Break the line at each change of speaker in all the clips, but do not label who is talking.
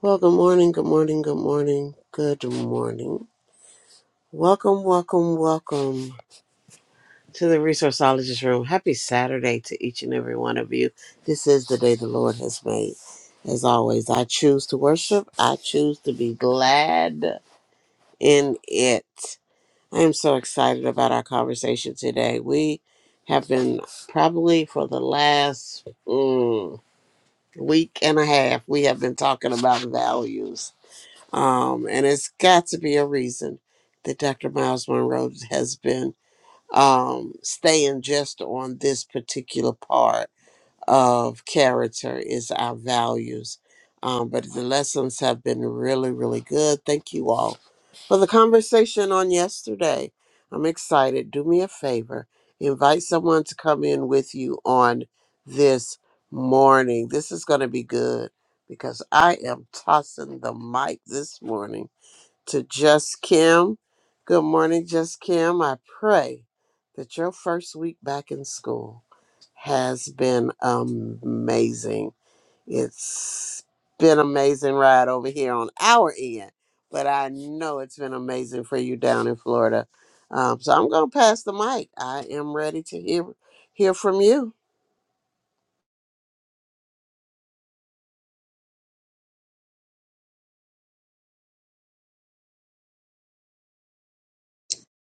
Well, good morning, good morning, good morning, good morning. Welcome, welcome, welcome to the Resourceologist Room. Happy Saturday to each and every one of you. This is the day the Lord has made. As always, I choose to worship, I choose to be glad in it. I am so excited about our conversation today. We have been probably for the last mm, week and a half, we have been talking about values Um, and it's got to be a reason that Dr. Miles Monroe has been um, staying just on this particular part of character is our values. Um, but the lessons have been really, really good. Thank you all for the conversation on yesterday. I'm excited. Do me a favor, invite someone to come in with you on this morning. This is going to be good because I am tossing the mic this morning to Just Kim. Good morning, Just Kim. I pray that your first week back in school has been amazing. It's been amazing ride over here on our end, but I know it's been amazing for you down in Florida. Um, so I'm going to pass the mic. I am ready to hear hear from you.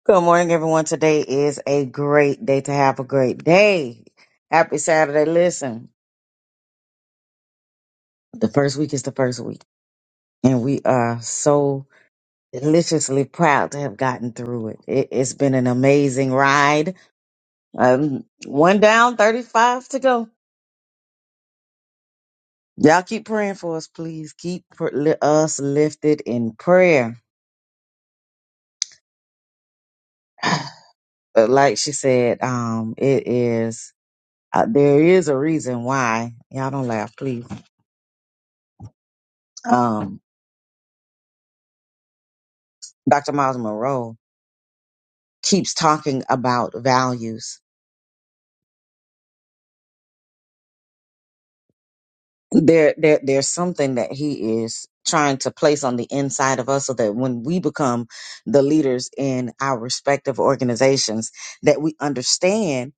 Good morning, everyone. Today is a great day to have a great day. Happy Saturday. Listen, the first week is the first week, and we are so deliciously proud to have gotten through it. it it's been an amazing ride. Um, one down, 35 to go. Y'all keep praying for us, please. Keep pr- li- us lifted in prayer. But like she said, um, it is, uh, there is a reason why. Y'all don't laugh, please. Um, Dr. Miles Monroe keeps talking about values. There, there, there's something that he is trying to place on the inside of us so that when we become the leaders in our respective organizations, that we understand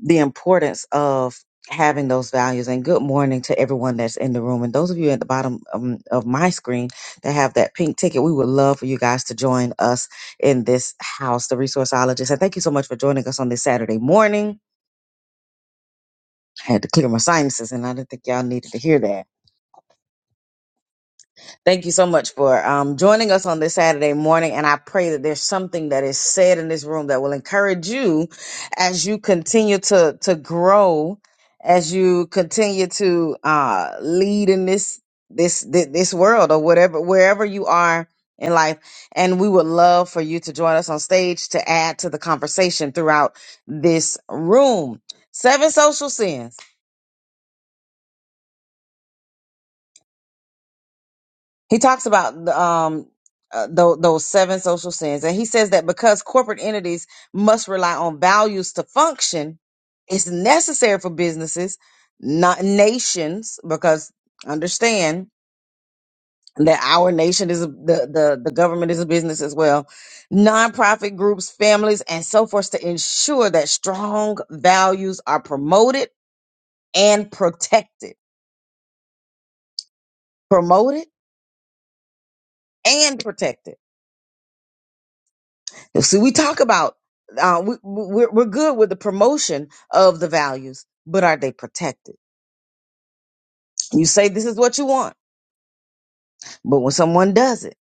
the importance of having those values and good morning to everyone that's in the room and those of you at the bottom um, of my screen that have that pink ticket we would love for you guys to join us in this house the resourceologist and thank you so much for joining us on this saturday morning I had to clear my sinuses, and I didn't think y'all needed to hear that. Thank you so much for um, joining us on this Saturday morning, and I pray that there's something that is said in this room that will encourage you as you continue to to grow, as you continue to uh, lead in this this thi- this world or whatever wherever you are in life. And we would love for you to join us on stage to add to the conversation throughout this room. Seven social sins. he talks about the, um uh, tho- those seven social sins and he says that because corporate entities must rely on values to function it's necessary for businesses not nations because understand that our nation is a, the, the the government is a business as well nonprofit groups families and so forth to ensure that strong values are promoted and protected promoted and protected See, we talk about uh, we, we're we're good with the promotion of the values, but are they protected? You say this is what you want, but when someone does it,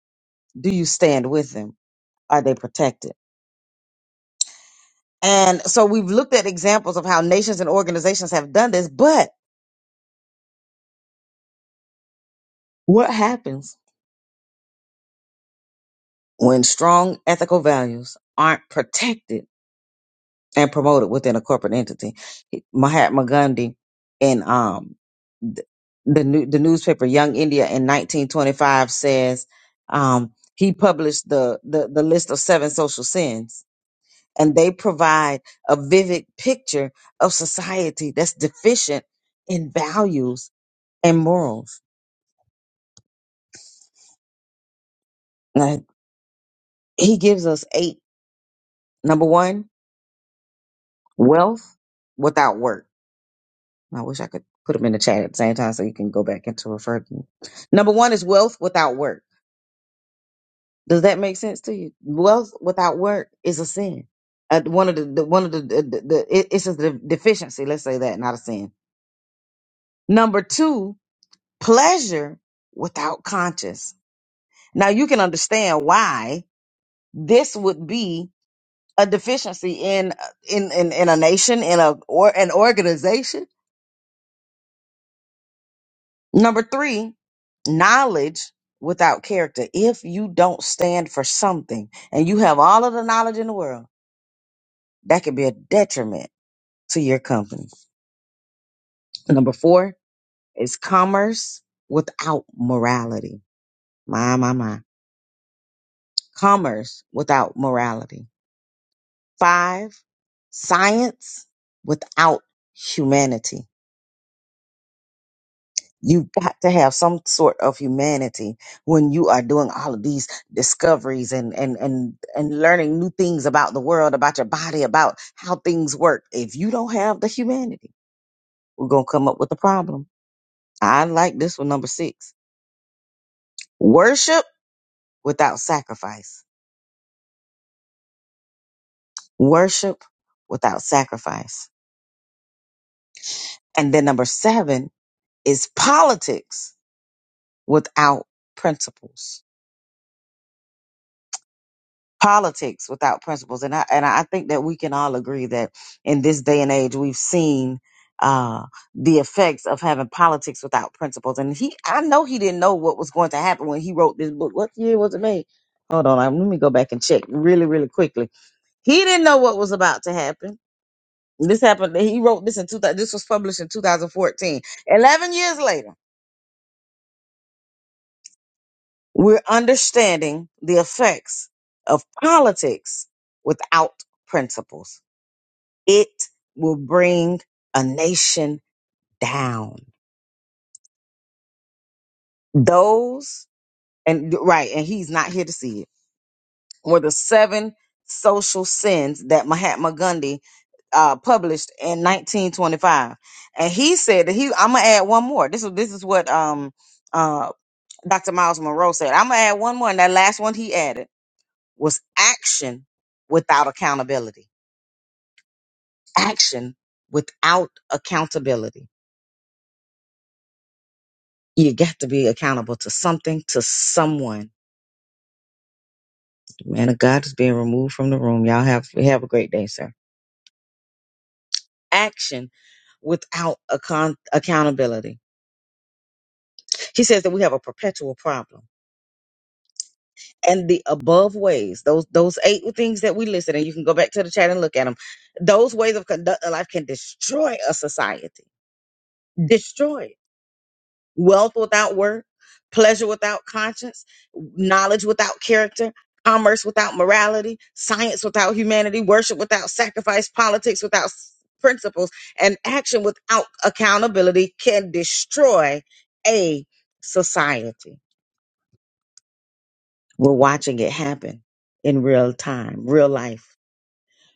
do you stand with them? Are they protected? And so we've looked at examples of how nations and organizations have done this, but what happens when strong ethical values aren't protected? and promoted within a corporate entity. Mahatma Gandhi in um th- the new the newspaper Young India in 1925 says um he published the the, the list of seven social sins and they provide a vivid picture of society that's deficient in values and morals. Now, he gives us eight. Number 1, wealth without work. I wish I could put them in the chat at the same time so you can go back and to refer to them. Number one is wealth without work. Does that make sense to you? Wealth without work is a sin. Uh, one of the, the one of the, the, the, the it- it's a de- deficiency. Let's say that, not a sin. Number two, pleasure without conscience. Now you can understand why this would be a deficiency in in in, in a nation in a or an organization Number three, knowledge without character. If you don't stand for something and you have all of the knowledge in the world, that could be a detriment to your company. Number four is commerce without morality. My, my, my. Commerce without morality. Five, science without humanity. You've got to have some sort of humanity when you are doing all of these discoveries and, and, and, and learning new things about the world, about your body, about how things work. If you don't have the humanity, we're going to come up with a problem. I like this one, number six. Worship without sacrifice. Worship without sacrifice. And then number seven is politics without principles politics without principles. And I and I think that we can all agree that in this day and age we've seen uh the effects of having politics without principles. And he I know he didn't know what was going to happen when he wrote this book. What year was it made? Hold on, i let me go back and check really, really quickly. He didn't know what was about to happen. This happened. He wrote this in 2000. This was published in 2014. 11 years later, we're understanding the effects of politics without principles. it will bring a nation down. Those, and right, and he's not here to see it, were the seven social sins that Mahatma Gandhi uh, published in 1925. And he said that he, I'm gonna add one more. This is this is what um uh Dr. Miles Monroe said. I'm gonna add one more, and that last one he added was action without accountability. Action without accountability You got to be accountable to something, to someone. The Man of God is being removed from the room. Y'all have have a great day, sir. Action without account- accountability. He says that we have a perpetual problem. And the above ways, those those eight things that we listed, and you can go back to the chat and look at them. Those ways of conducting life can destroy a society. Destroy. wealth without work, pleasure without conscience, knowledge without character, commerce without morality, science without humanity, worship without sacrifice, politics without s- principles, and action without accountability can destroy a society. We're watching it happen in real time, real life.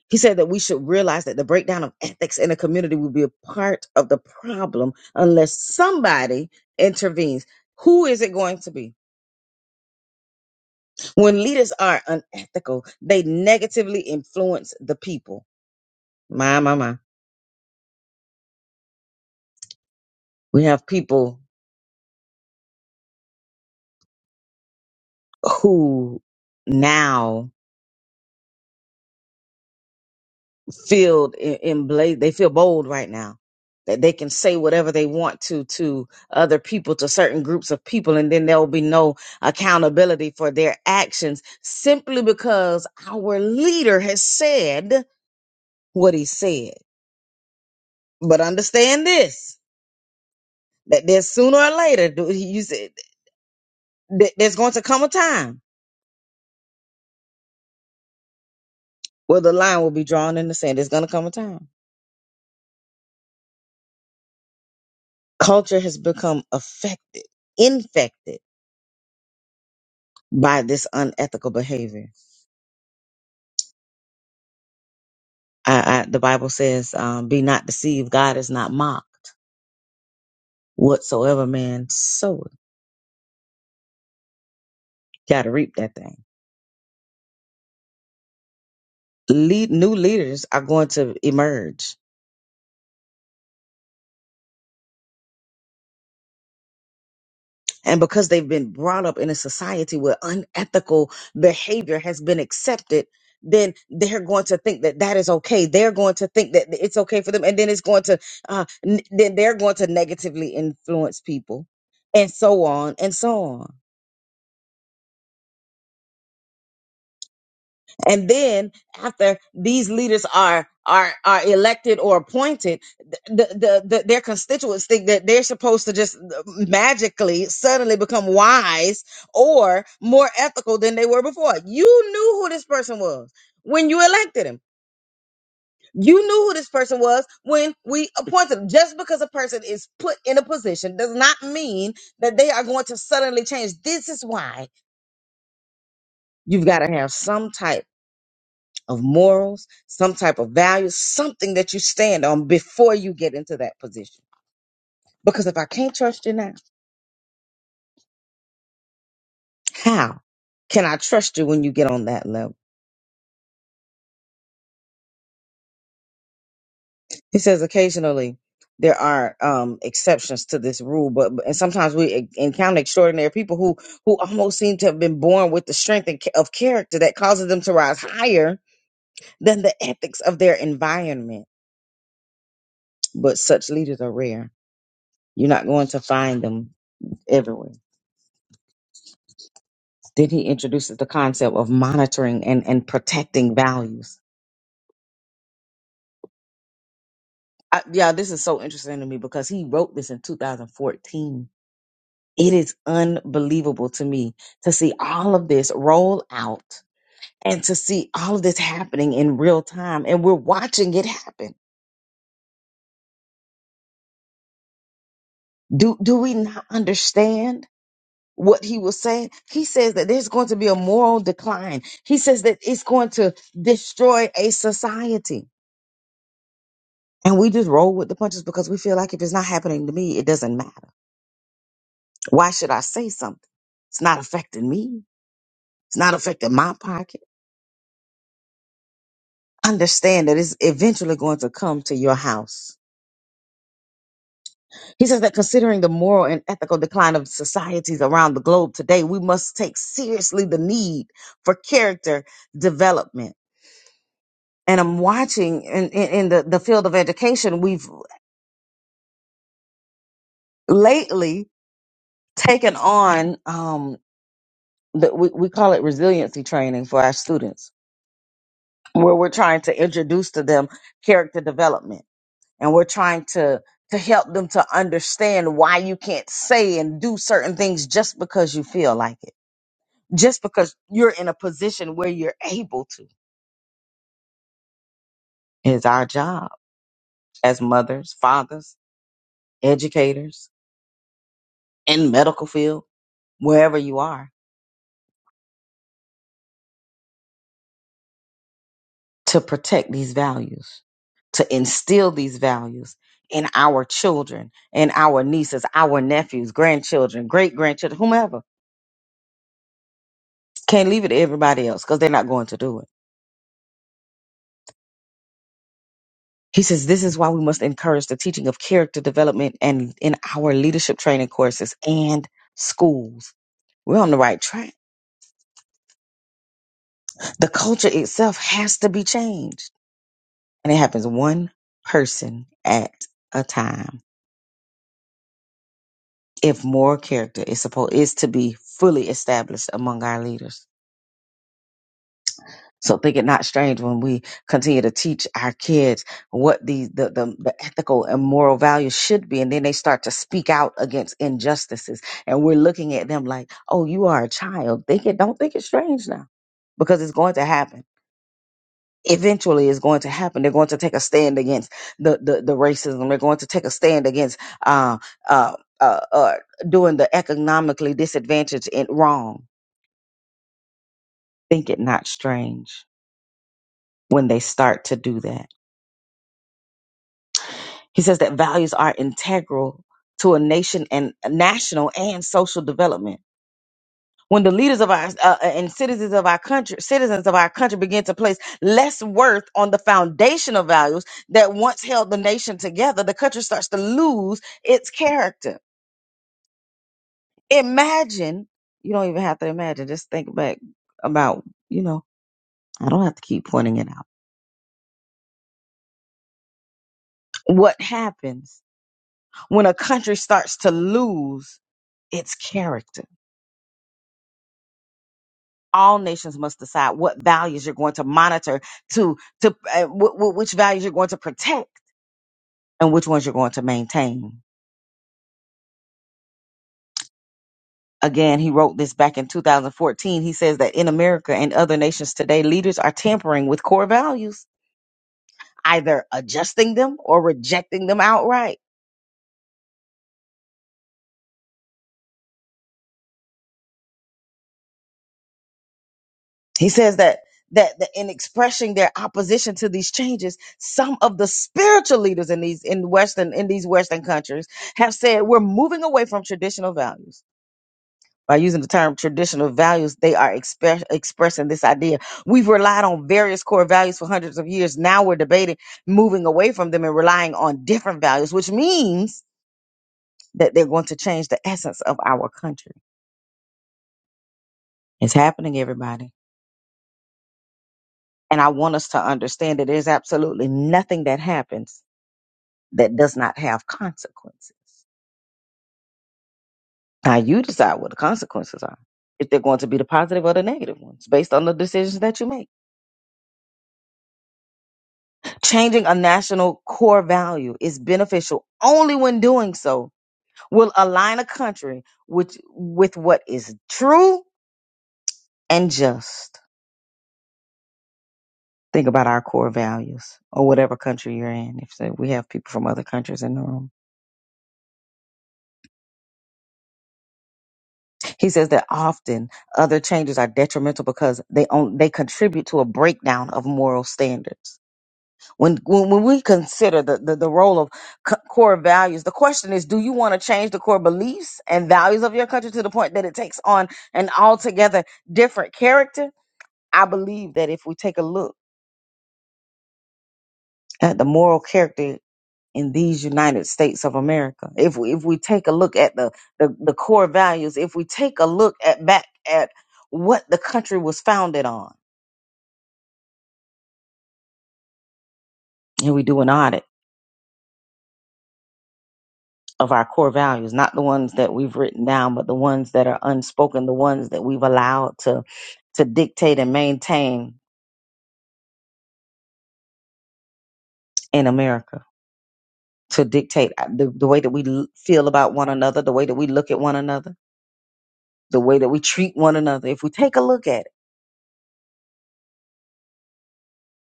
He said that we should realize that the breakdown of ethics in a community will be a part of the problem unless somebody intervenes. Who is it going to be? When leaders are unethical, they negatively influence the people. My, my, my. We have people who now feel in, in bla- they feel bold right now that they can say whatever they want to to other people, to certain groups of people, and then there will be no accountability for their actions simply because our leader has said what he said. But understand this that there's sooner or later, do- you said. th- there's going to come a time where the line will be drawn in the sand. There's going to come a time. Culture has become affected, infected by this unethical behavior. I, I, the Bible says, um, "Be not deceived; God is not mocked. Whatsoever man soweth, got to reap that thing." Lead, new leaders are going to emerge And because they've been brought up in a society where unethical behavior has been accepted, then they're going to think that that is okay. They're going to think that it's okay for them. And then it's going to, uh, n- then they're going to negatively influence people and so on and so on. and then after these leaders are are are elected or appointed the, the the their constituents think that they're supposed to just uh, magically suddenly become wise or more ethical than they were before you knew who this person was when you elected him you knew who this person was when we appointed him. Just because a person is put in a position does not mean that they are going to suddenly change. This is why you've got to have some type of morals, some type of values, something that you stand on before you get into that position. Because if I can't trust you now, how can I trust you when you get on that level? He says occasionally there are um, exceptions to this rule, but but- and sometimes we e- encounter extraordinary people who who almost seem to have been born with the strength and ca- of character that causes them to rise higher than the ethics of their environment. But such leaders are rare. You're not going to find them everywhere Then he introduces the concept of monitoring and, and protecting values. I, yeah, this is so interesting to me because he wrote this in 2014. It is unbelievable to me to see all of this roll out and to see all of this happening in real time. And we're watching it happen. Do, do we not understand what he was saying? He says that there's going to be a moral decline. He says that it's going to destroy a society And we just roll with the punches because we feel like if it's not happening to me, it doesn't matter. Why should I say something? It's not affecting me. It's not affecting my pocket. Understand that it's eventually going to come to your house. He says that considering the moral and ethical decline of societies around the globe today, we must take seriously the need for character development. And I'm watching in, in, in the, the field of education, we've lately taken on um, the, we, we call it resiliency training for our students where we're trying to introduce to them character development and we're trying to to help them to understand why you can't say and do certain things just because you feel like it just because you're in a position where you're able to It's our job as mothers fathers educators in medical field wherever you are to protect these values to instill these values in our children in our nieces our nephews grandchildren great grandchildren whomever Can't leave it to everybody else because they're not going to do it. He says this is why we must encourage the teaching of character development and in our leadership training courses and schools. We're on the right track. The culture itself has to be changed. And it happens one person at a time. If moral character is supposed is to be fully established among our leaders. So think it not strange when we continue to teach our kids what the, the the the ethical and moral values should be, and then they start to speak out against injustices, and we're looking at them like, "Oh, you are a child. Think it. Don't think it's strange now, because it's going to happen." Eventually, it's going to happen. They're going to take a stand against the the, the racism. They're going to take a stand against uh, uh, uh, uh, doing the economically disadvantaged and wrong. Think it not strange when they start to do that He says that values are integral to a nation and national and social development. When the leaders of our uh, uh, and citizens of our country, citizens of our country begin to place less worth on the foundational values that once held the nation together, the country starts to lose its character. Imagine, you don't even have to imagine, just think back about, you know, I don't have to keep pointing it out. What happens when a country starts to lose its character? all nations must decide what values you're going to monitor to to uh, w- w- which values you're going to protect and which ones you're going to maintain again he wrote this back in 2014 he says that in america and other nations today leaders are tampering with core values either adjusting them or rejecting them outright he says that that, that in expressing their opposition to these changes some of the spiritual leaders in these in western in these western countries have said we're moving away from traditional values by using the term traditional values, they are express, expressing this idea. We've relied on various core values for hundreds of years. Now we're debating moving away from them and relying on different values, which means that they're going to change the essence of our country. It's happening, everybody. And I want us to understand that there's absolutely nothing that happens that does not have consequences. Now you decide what the consequences are, if they're going to be the positive or the negative ones based on the decisions that you make. Changing a national core value is beneficial only when doing so will align a country with, with what is true and just. Think about our core values or whatever country you're in. If so, we have people from other countries in the room, he says that often other changes are detrimental because they own, they contribute to a breakdown of moral standards. When, when when we consider the, the, the role of c- core values, the question is, do you want to change the core beliefs and values of your country to the point that it takes on an altogether different character? I believe that if we take a look at the moral character in these United States of America, if we, if we take a look at the, the, the core values, if we take a look at back at what the country was founded on, and we do an audit of our core values, not the ones that we've written down, but the ones that are unspoken, the ones that we've allowed to to dictate and maintain in America, to dictate uh, the, the way that we l- feel about one another, the way that we look at one another, the way that we treat one another. If we take a look at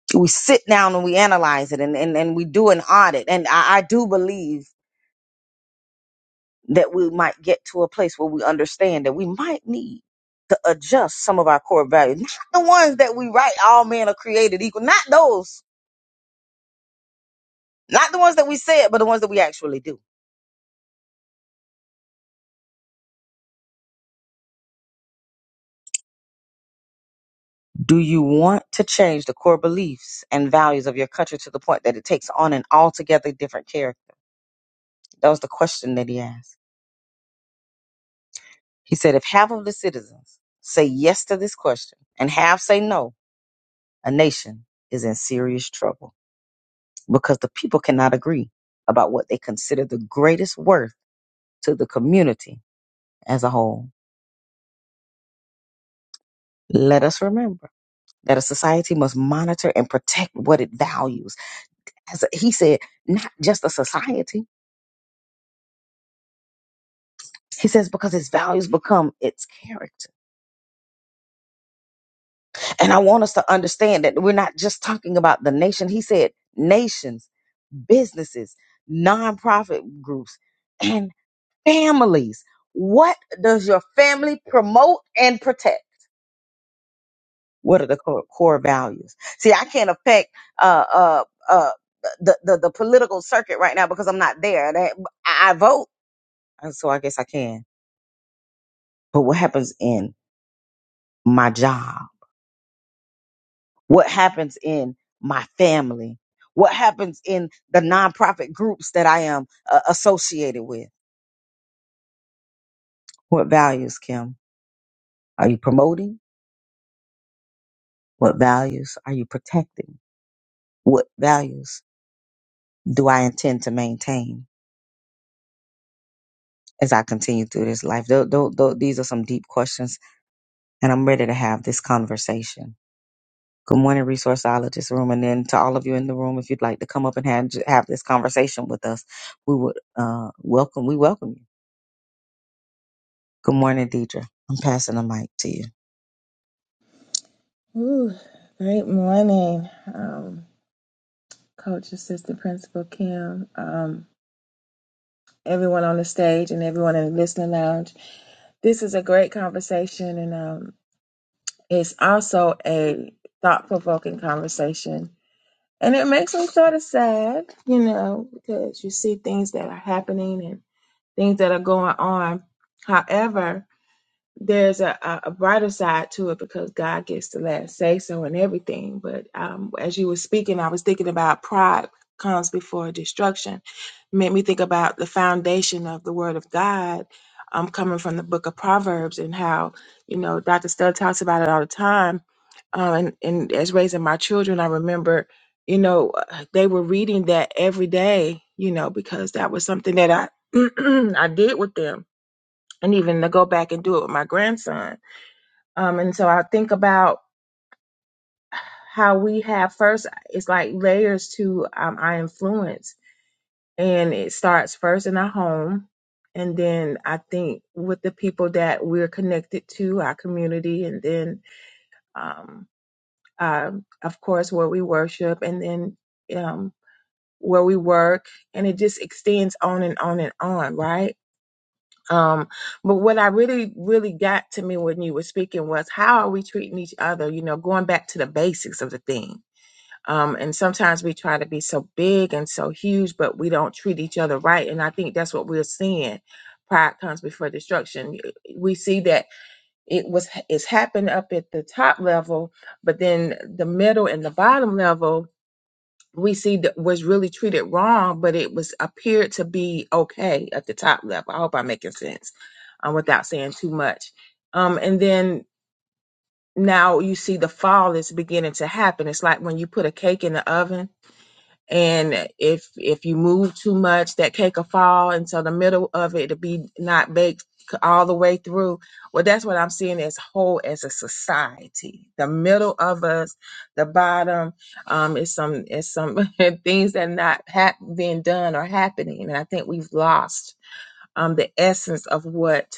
it, we sit down and we analyze it and, and, and we do an audit. And I, I do believe that we might get to a place where we understand that we might need to adjust some of our core values. Not the ones that we write all men are created equal, not those, not the ones that we said, but the ones that we actually do. Do you want to change the core beliefs and values of your country to the point that it takes on an altogether different character? That was the question that he asked. He said, if half of the citizens say yes to this question and half say no, a nation is in serious trouble. because the people cannot agree about what they consider the greatest worth to the community as a whole. Let us remember that a society must monitor and protect what it values. As he said, not just a society. He says because its values become its character. And I want us to understand that we're not just talking about the nation. He said nations, businesses, nonprofit groups, and families. What does your family promote and protect? What are the core, core values? See, I can't affect uh, uh, uh, the, the the political circuit right now because I'm not there. That, I I vote, and so I guess I can. But what happens in my job? What happens in my family? What happens in the nonprofit groups that I am uh, associated with? What values, Kim? Are you promoting? What values are you protecting? What values do I intend to maintain? as I continue through this life. Tho- tho- tho- these are some deep questions, and I'm ready to have this conversation. Good morning, resourceologist room, and then to all of you in the room, if you'd like to come up and have, have this conversation with us, we would uh, welcome. We welcome you. Good morning, Deidre. I'm passing the mic to you.
Ooh, great morning, um, Coach Assistant Principal Kim, um, everyone on the stage, and everyone in the listening lounge. This is a great conversation, and um, it's also a thought provoking conversation. And it makes me sort of sad, you know, because you see things that are happening and things that are going on. However, there's a, a a brighter side to it because God gets the last say so and everything. But um, as you were speaking, I was thinking about pride comes before destruction. Made me think about the foundation of the Word of God. um, coming from the Book of Proverbs and how you know Dr. Studd talks about it all the time. Um, and, and as raising my children, I remember you know uh, they were reading that every day. You know because that was something that I I did with them and even to go back and do it with my grandson. Um, and so I think about how we have first, it's like layers to um, our influence, and it starts first in our home. And then I think with the people that we're connected to, our community, and then, um, uh, of course, where we worship, and then um, where we work, and it just extends on and on and on, right? Um, but what I really, really got to me when you were speaking was how are we treating each other? You know, going back to the basics of the thing. Um, and sometimes we try to be so big and so huge, but we don't treat each other right. And I think that's what we're seeing. Pride comes before destruction. We see that it was it's happened up at the top level, but then the middle and the bottom level we see that was really treated wrong, but it was appeared to be okay at the top level. I hope I'm making sense um, without saying too much. Um, and then now you see the fall is beginning to happen. It's like when you put a cake in the oven and if if you move too much that cake will fall And so the middle of it to be not baked all the way through well that's what i'm seeing as whole as a society the middle of us the bottom um is some is some things that not hap- being done or happening and i think we've lost um the essence of what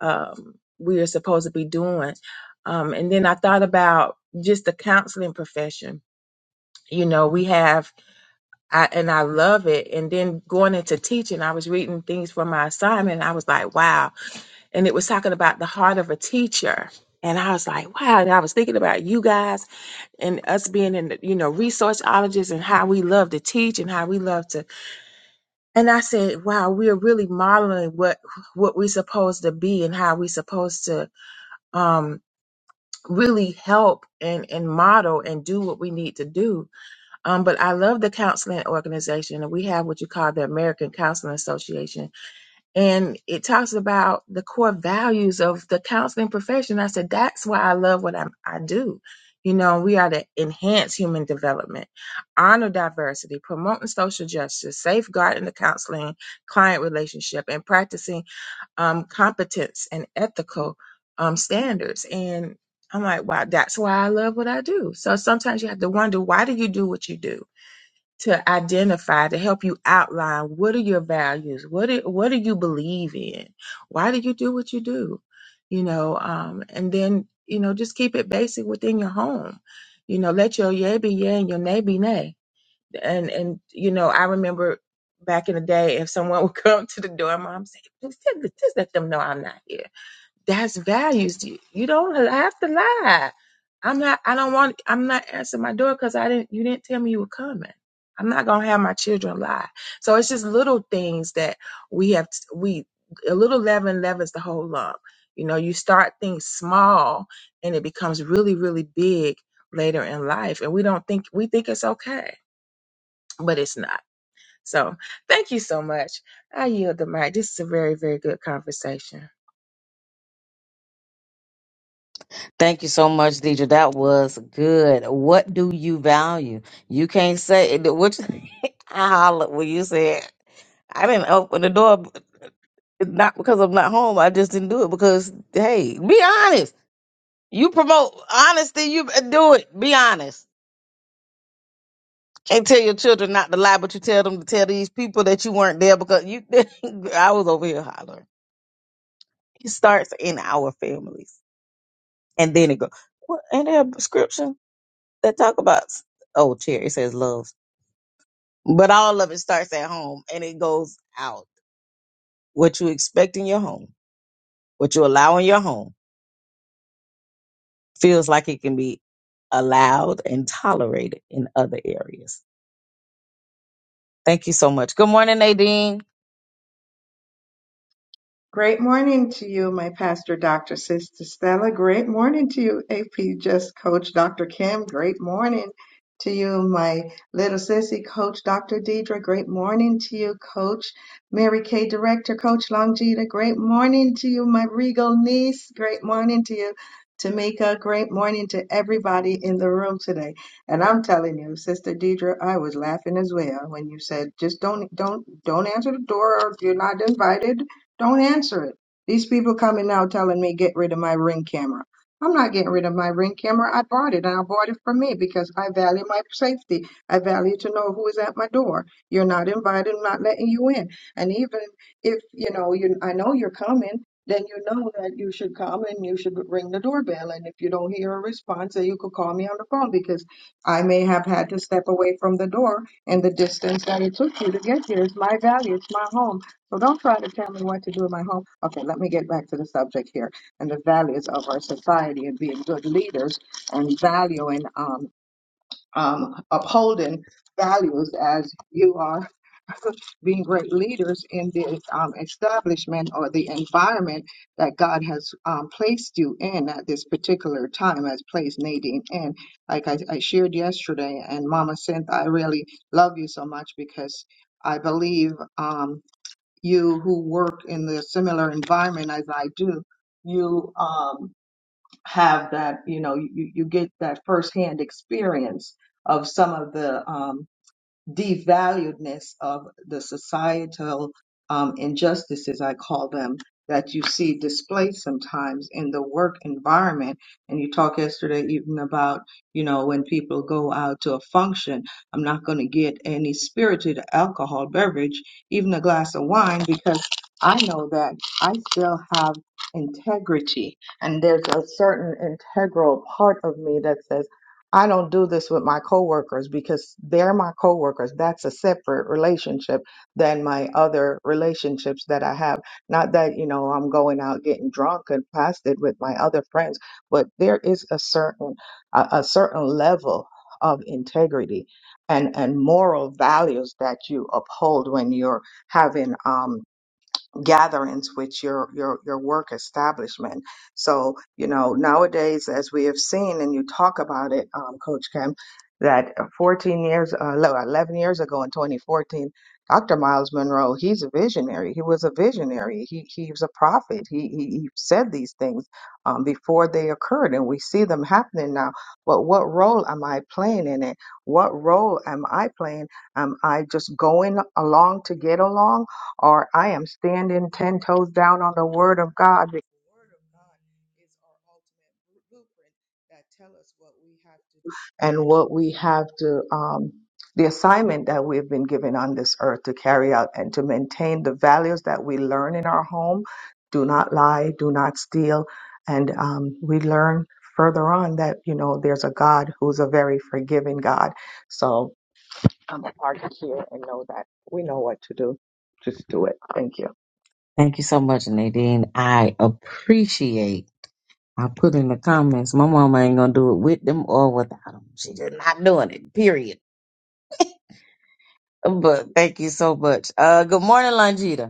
um we are supposed to be doing um and then i thought about just the counseling profession you know we have I, and I love it. And then going into teaching, I was reading things for my assignment. And I was like, wow. And it was talking about the heart of a teacher. And I was like, wow. And I was thinking about you guys and us being in, the, you know, resourceologists and how we love to teach and how we love to. And I said, wow, we are really modeling what what we're supposed to be and how we're supposed to um, really help and, and model and do what we need to do um, but I love the counseling organization, and we have what you call the American Counseling Association, and it talks about the core values of the counseling profession. I said that's why I love what I, I do. You know, we are to enhance human development, honor diversity, promoting social justice, safeguarding the counseling client relationship, and practicing um, competence and ethical um, standards. And I'm like, wow, that's why I love what I do. So sometimes you have to wonder, why do you do what you do? to identify to help you outline what are your values what do, what do you believe in why do you do what you do you know um and then you know just keep it basic within your home you know let your yay be yay and your nay be nay and and you know i remember back in the day if someone would come to the door mom said, just, just let them know i'm not here that's values. You, you don't have to lie. I'm not. I don't want. I'm not answering my door because I didn't. You didn't tell me you were coming. I'm not gonna have my children lie. So it's just little things that we have. t- We a little leaven leavens the whole lump. You know, you start things small and it becomes really, really big later in life, and we don't think we think it's okay, but it's not. So thank you so much. I yield the mic. This is a very, very good conversation.
Thank you so much, Deidre. That was good. What do you value? You can't say which. I hollered when you said I didn't open the door, not because I'm not home. I just didn't do it because, hey, be honest. You promote honesty. You do it. Be honest. Can't tell your children not to lie, but you tell them to tell these people that you weren't there because you. I was over here hollering. It starts in our families, and then it goes. What? Ain't there a scripture that talk about? Oh, chair. It says love, but all of it starts at home, and it goes out. What you expect in your home, what you allow in your home, feels like it can be allowed and tolerated in other areas. Thank you so much. Good morning, Nadine.
Great morning to you, my pastor, Dr. Sister Stella. Great morning to you, AP Just Coach Dr. Kim. Great morning to you, my little sissy, Coach Dr. Deidre. Great morning to you, Coach Mary Kay, Director, Coach Longita. Great morning to you, my regal niece. Great morning to you, Tamika. Great morning to everybody in the room today. And I'm telling you, Sister Deidre, I was laughing as well when you said, just don't, don't, don't answer the door. You're not invited don't answer it. These people coming now telling me get rid of my ring camera. I'm not getting rid of my ring camera. I bought it and I bought it for me because I value my safety. I value to know who is at my door. You're not invited. I'm not letting you in. And even if, you know, you, I know you're coming, then you know that you should come and you should ring the doorbell. And if you don't hear a response, then you could call me on the phone because I may have had to step away from the door and the distance that it took you to get here is my value. It's my home. So don't try to tell me what to do in my home. Okay, let me get back to the subject here and the values of our society and being good leaders and valuing, um, um, upholding values as you are being great leaders in the um, establishment or the environment that God has um, placed you in at this particular time, has placed Nadine in. Like I, I shared yesterday, and Mama Cynthia, I really love you so much because I believe. Um, you who work in the similar environment as I do, you um, have that, you know, you, you get that firsthand experience of some of the um, devaluedness of the societal um, injustices, I call them, that you see displayed sometimes in the work environment. And you talked yesterday even about, you know, when people go out to a function, I'm not going to get any spirited alcohol beverage, even a glass of wine, because I know that I still have integrity. And there's a certain integral part of me that says, I don't do this with my coworkers because they're my coworkers. That's a separate relationship than my other relationships that I have. Not that, you know, I'm going out getting drunk and past it with my other friends, but there is a certain a, a certain level of integrity and and moral values that you uphold when you're having um gatherings with your your your work establishment. So you know nowadays, as we have seen, and you talk about it, um, Coach Kim, that 14 years, uh, no, 11 years ago in 2014, Dr. Miles Monroe, he's a visionary. He was a visionary. He he was a prophet. He he, he said these things um, before they occurred, and we see them happening now. But what role am I playing in it? What role am I playing? Am I just going along to get along? or I am standing 10 toes down on the word of God. Because The word of God is our ultimate blu- blueprint that tell us what we have to do and what we have to, um, the assignment that we've been given on this earth to carry out and to maintain the values that we learn in our home. Do not lie, do not steal. And um, we learn further on that, you know, there's a God who's a very forgiving God. So, I'm a part of here and know that we know what to do. Just do it. Thank you.
Thank you so much, Nadine. I appreciate. I put in the comments, my mama ain't gonna do it with them or without them. She just not doing it. Period. But thank you so much. Uh, good morning, Longita.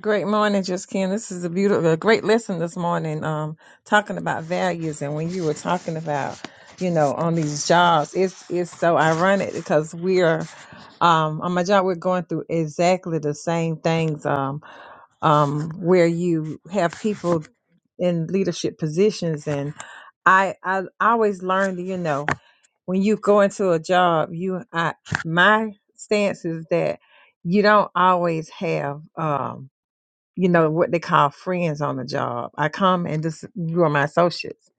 Great morning, just Ken. This is a beautiful, a great lesson this morning. Um, talking about values, and when you were talking about, you know, on these jobs, it's it's so ironic because we're um on my job we're going through exactly the same things. Um, um, where you have people in leadership positions, and I I always learned, you know, when you go into a job, you I my stance is that you don't always have um you know what they call friends on the job. I come and this you are my associates,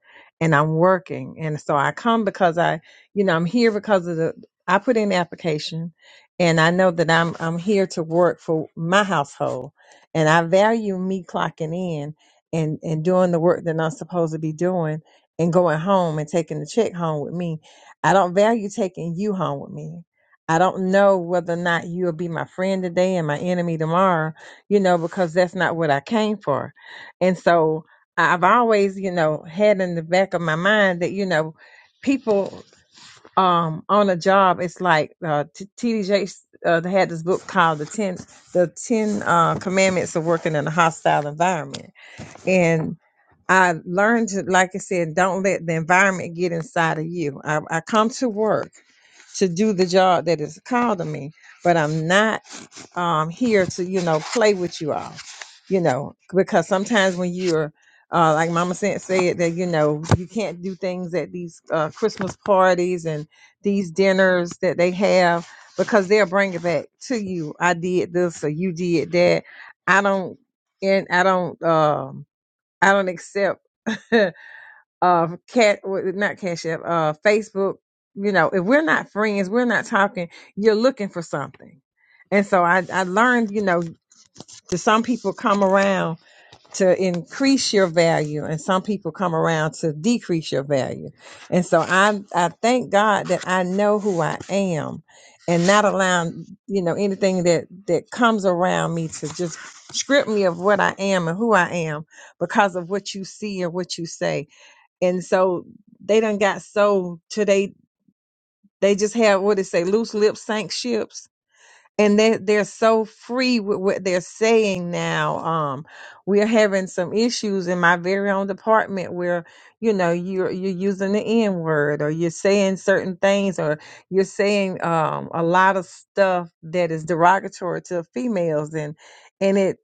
and I'm working, and so I come because I, you know, I'm here because of the I put in the application, and I know that I'm I'm here to work for my household, and I value me clocking in and and doing the work that I'm supposed to be doing. And going home and taking the check home with me. I don't value taking you home with me. I don't know whether or not you'll be my friend today and my enemy tomorrow you know, because that's not what I came for. And so I've always, you know, had in the back of my mind that, you know, people um on a job, it's like uh, T- TDJ uh, they had this book called the 10 the 10 uh, commandments of working in a hostile environment. And I learned to, like I said, don't let the environment get inside of you. I, I come to work to do the job that is called to me, but I'm not um, here to you know play with you all you know because sometimes when you're uh, like mama said, said that you know you can't do things at these uh, christmas parties and these dinners that they have because they'll bring it back to you i did this or you did that i don't and i don't um i don't accept uh cat not cash app uh facebook you know if we're not friends we're not talking you're looking for something and so i i learned you know to some people come around to increase your value and some people come around to decrease your value and so i i thank god that i know who i am and not allowing you know anything that that comes around me to just strip me of what i am and who i am because of what you see or what you say and so they done got so to they they just have what they say loose lips sank ships and they they're so free with what they're saying now um we're having some issues in my very own department where you know you're you're using the n word or you're saying certain things or you're saying um a lot of stuff that is derogatory to females and and it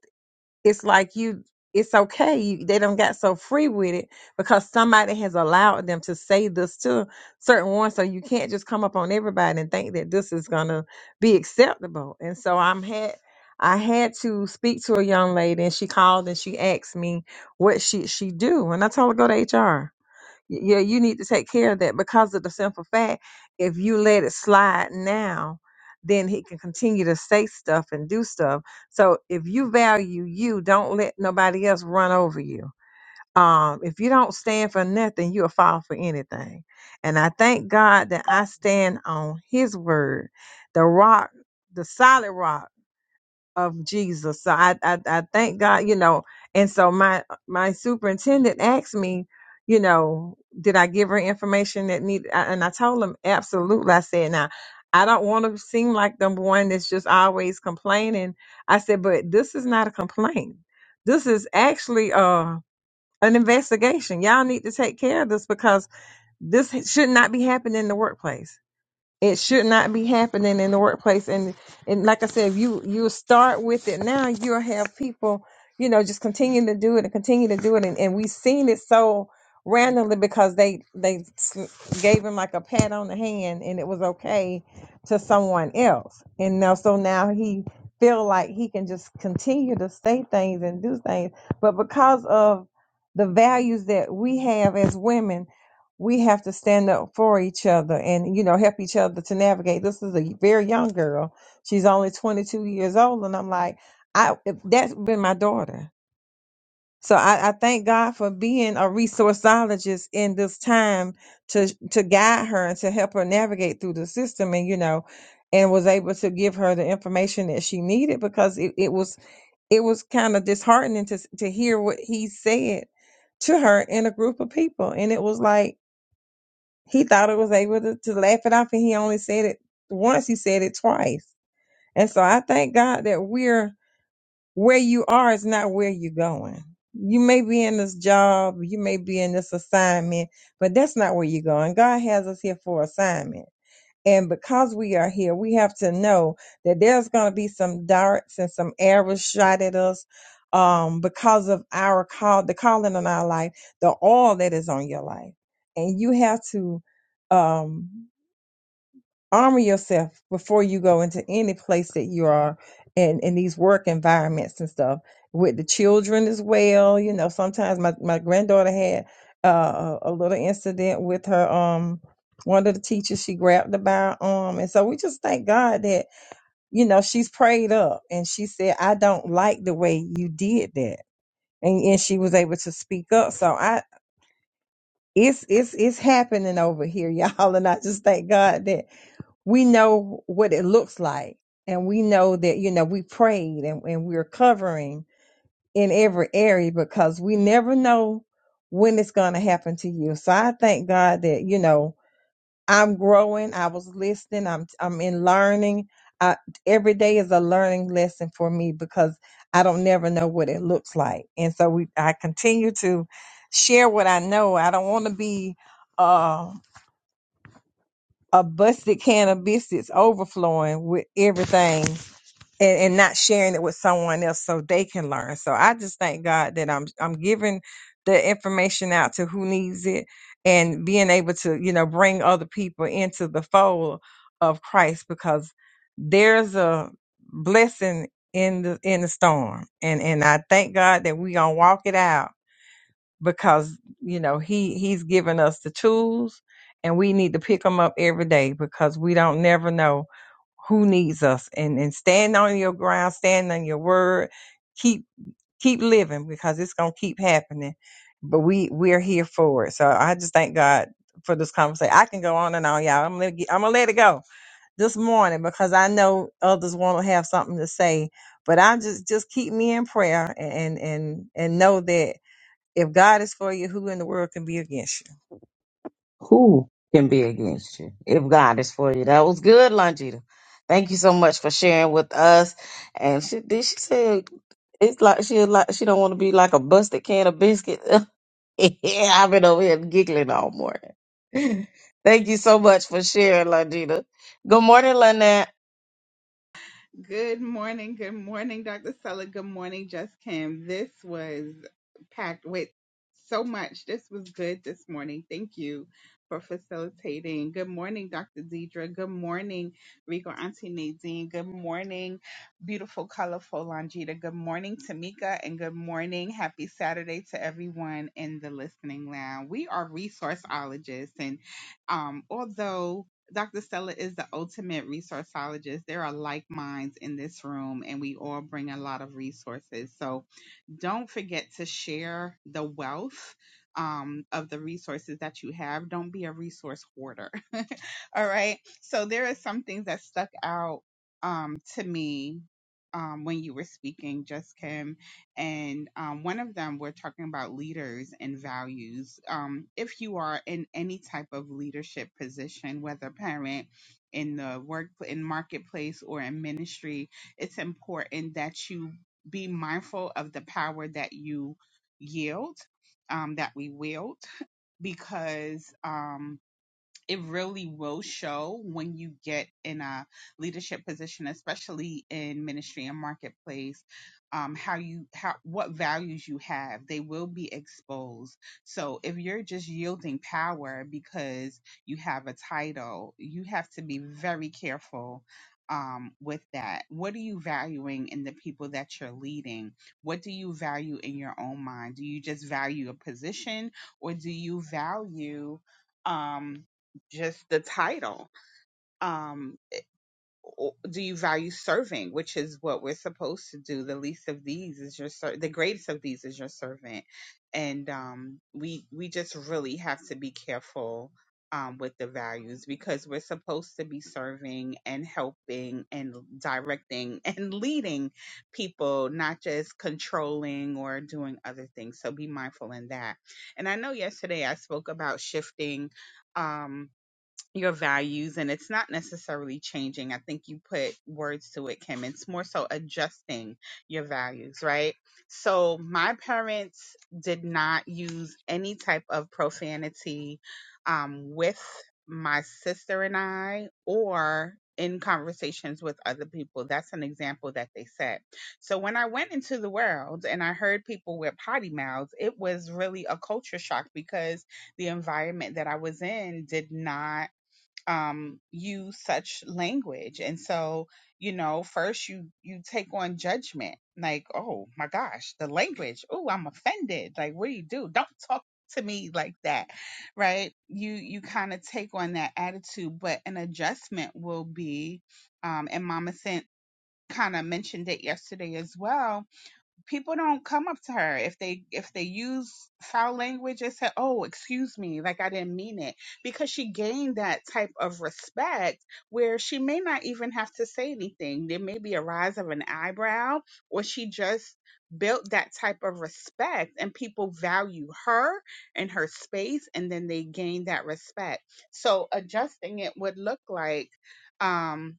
it's like you it's okay you, they don't got so free with it because somebody has allowed them to say this to certain ones so you can't just come up on everybody and think that this is gonna be acceptable and so i'm had i had to speak to a young lady and she called and she asked me what should she do and i told her go to hr Y- yeah, you need to take care of that because of the simple fact if you let it slide now, then he can continue to say stuff and do stuff. So if you value you, don't let nobody else run over you. Um, if you don't stand for nothing, you'll fall for anything. And I thank God that I stand on his word, the rock, the solid rock of Jesus. So I, I I thank God, you know. And so my my superintendent asked me, you know, did I give her information that need? I- And I told him absolutely. I said, now I don't want to seem like the one that's just always complaining. I said, but this is not a complaint. This is actually uh an investigation. Y'all need to take care of this because this should not be happening in the workplace it should not be happening in the workplace and and like i said if you you start with it now you'll have people you know just continue to do it and continue to do it and, and we've seen it so randomly because they they s- gave him like a pat on the hand and it was okay to someone else and now so now he feel like he can just continue to say things and do things but because of the values that we have as women we have to stand up for each other and you know help each other to navigate this is a very young girl she's only 22 years old and i'm like i if that's been my daughter so I, I thank god for being a resourceologist in this time to to guide her and to help her navigate through the system and you know and was able to give her the information that she needed because it, it was it was kind of disheartening to s- to hear what he said to her in a group of people and it was like he thought it was able to, to laugh it off and he only said it once he said it twice and so i thank god that we're where you are is not where you're going you may be in this job you may be in this assignment but that's not where you're going god has us here for assignment and because we are here, we have to know that there's going to be some darts and some arrows shot at us um, because of our call, the calling on our life, the all that is on your life. And you have to. Um, armor yourself before you go into any place that you are in in these work environments and stuff with the children as well you know sometimes my, my granddaughter had uh, a a little incident with her um one of the teachers she grabbed her by her arm and so we just thank god that you know she's prayed up and she said i don't like the way you did that and, and she was able to speak up so i it's it's it's happening over here y'all and i just thank god that we know what it looks like and we know that you know we prayed and, and we're covering in every area because we never know when it's going to happen to you so i thank god that you know i'm growing i was listening i'm i'm in learning I, every day is a learning lesson for me because i don't never know what it looks like and so we i continue to share what i know i don't want to be um, a busted can of biscuits overflowing with everything and, and not sharing it with someone else so they can learn. So I just thank God that I'm I'm giving the information out to who needs it and being able to, you know, bring other people into the fold of Christ because there's a blessing in the in the storm. And and I thank God that we gonna walk it out because you know he he's given us the tools and we need to pick them up every day because we don't never know who needs us and and stand on your ground stand on your word keep keep living because it's going to keep happening but we we're here for it so i just thank god for this conversation i can go on and on y'all i'm gonna, get, I'm gonna let it go this morning because i know others want to have something to say but i just just keep me in prayer and and and know that if God is for you, who in the world can be against you?
Who can be against you if God is for you? That was good, Longita. Thank you so much for sharing with us. And she did she said it's like she like she don't want to be like a busted can of biscuit. I've been over here giggling all morning. Thank you so much for sharing, Longita. Good morning, Lynette.
Good morning. Good morning, Dr. Stella. Good morning, Just Kim. This was packed with so much. This was good this morning. Thank you for facilitating. Good morning, Dr. Deidre. Good morning, Rico Auntie Nadine. Good morning, beautiful, colorful Longita. Good morning, Tamika. And good morning. Happy Saturday to everyone in the listening lounge. We are resourceologists. And um, although Dr. Stella is the ultimate resourceologist. There are like minds in this room, and we all bring a lot of resources. So don't forget to share the wealth um, of the resources that you have. Don't be a resource hoarder. All right. So there are some things that stuck out um, to me um, when you were speaking, just Kim. And um, one of them, we're talking about leaders and values. Um, if you are in any type of leadership position, whether parent, in the work, in marketplace, or in ministry, it's important that you be mindful of the power that you yield, um, that we wield, because. um, it really will show when you get in a leadership position especially in ministry and marketplace um, how you how what values you have they will be exposed so if you're just yielding power because you have a title you have to be very careful um, with that what are you valuing in the people that you're leading what do you value in your own mind do you just value a position or do you value um, just the title. Um, o- do you value serving, which is what we're supposed to do? The least of these is your ser- the greatest of these is your servant, and um, we we just really have to be careful um, with the values because we're supposed to be serving and helping and directing and leading people, not just controlling or doing other things. So be mindful in that. And I know yesterday I spoke about shifting. Um, your values and it's not necessarily changing. I think you put words to it, Kim. It's more so adjusting your values, right? So my parents did not use any type of profanity um, with my sister and I or in conversations with other people. That's an example that they set. So when I went into the world and I heard people with potty mouths, it was really a culture shock because the environment that I was in did not um use such language and so you know first you you take on judgment like oh my gosh the language oh i'm offended like what do you do don't talk to me like that right you you kind of take on that attitude but an adjustment will be um and mama sent kind of mentioned it yesterday as well people don't come up to her if they if they use foul language and say oh excuse me like i didn't mean it because she gained that type of respect where she may not even have to say anything there may be a rise of an eyebrow or she just built that type of respect and people value her and her space and then they gain that respect so adjusting it would look like um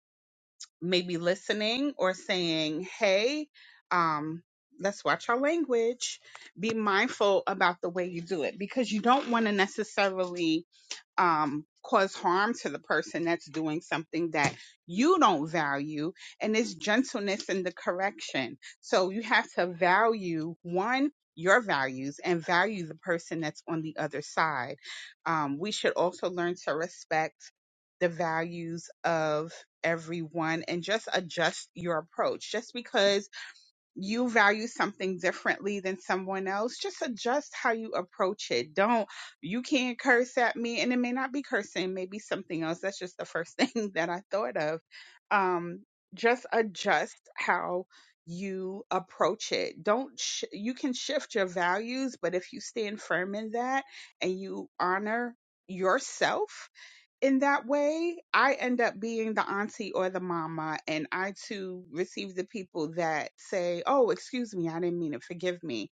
maybe listening or saying, hey, um, let's watch our language. Be mindful about the way you do it because you don't want to necessarily um, cause harm to the person that's doing something that you don't value. And it's gentleness in the correction. So you have to value one, your values and value the person that's on the other side. Um, we should also learn to respect the values of everyone and just adjust your approach. Just because you value something differently than someone else, just adjust how you approach it. Don't you can't curse at me, and it may not be cursing, maybe something else. That's just the first thing that I thought of. Um, just adjust how you approach it. Don't sh- you can shift your values, but if you stand firm in that and you honor yourself in that way, I end up being the auntie or the mama, and I too receive the people that say, "Oh, excuse me, I didn't mean it. Forgive me."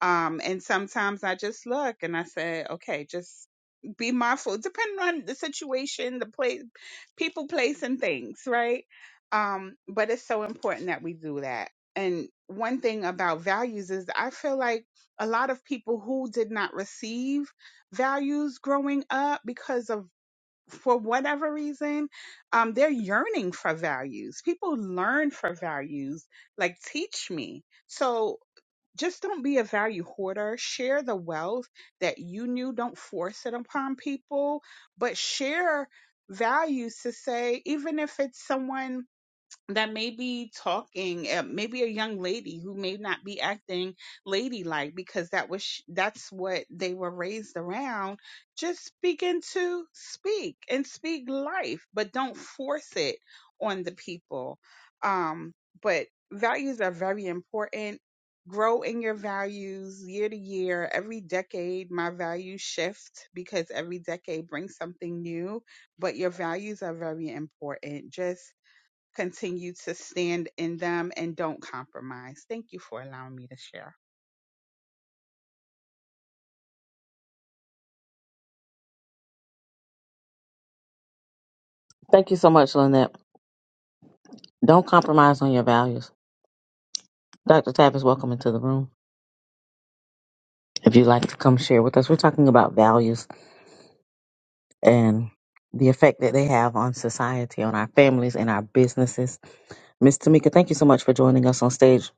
Um, and sometimes I just look and I say, "Okay, just be mindful." Depending on the situation, the place, people, place, and things, right? Um, but it's so important that we do that. And one thing about values is I feel like a lot of people who did not receive values growing up because of for whatever reason, um, they're yearning for values. People learn for values, like teach me. So just don't be a value hoarder. Share the wealth that you knew. Don't force it upon people, but share values to say, even if it's someone that may be talking, uh, maybe a young lady who may not be acting ladylike because that was sh- that's what they were raised around. Just begin to speak and speak life, but don't force it on the people. Um, but values are very important. Grow in your values year to year. Every decade, my values shift because every decade brings something new, but your values are very important. Just continue to stand in them and don't compromise. Thank you for allowing me to share.
Thank you so much, Lynette. Don't compromise on your values. Dr. Tavis, welcome into the room. If you'd like to come share with us, we're talking about values and the effect that they have on society, on our families, and our businesses. Miss Tamika, thank you so much for joining us on stage.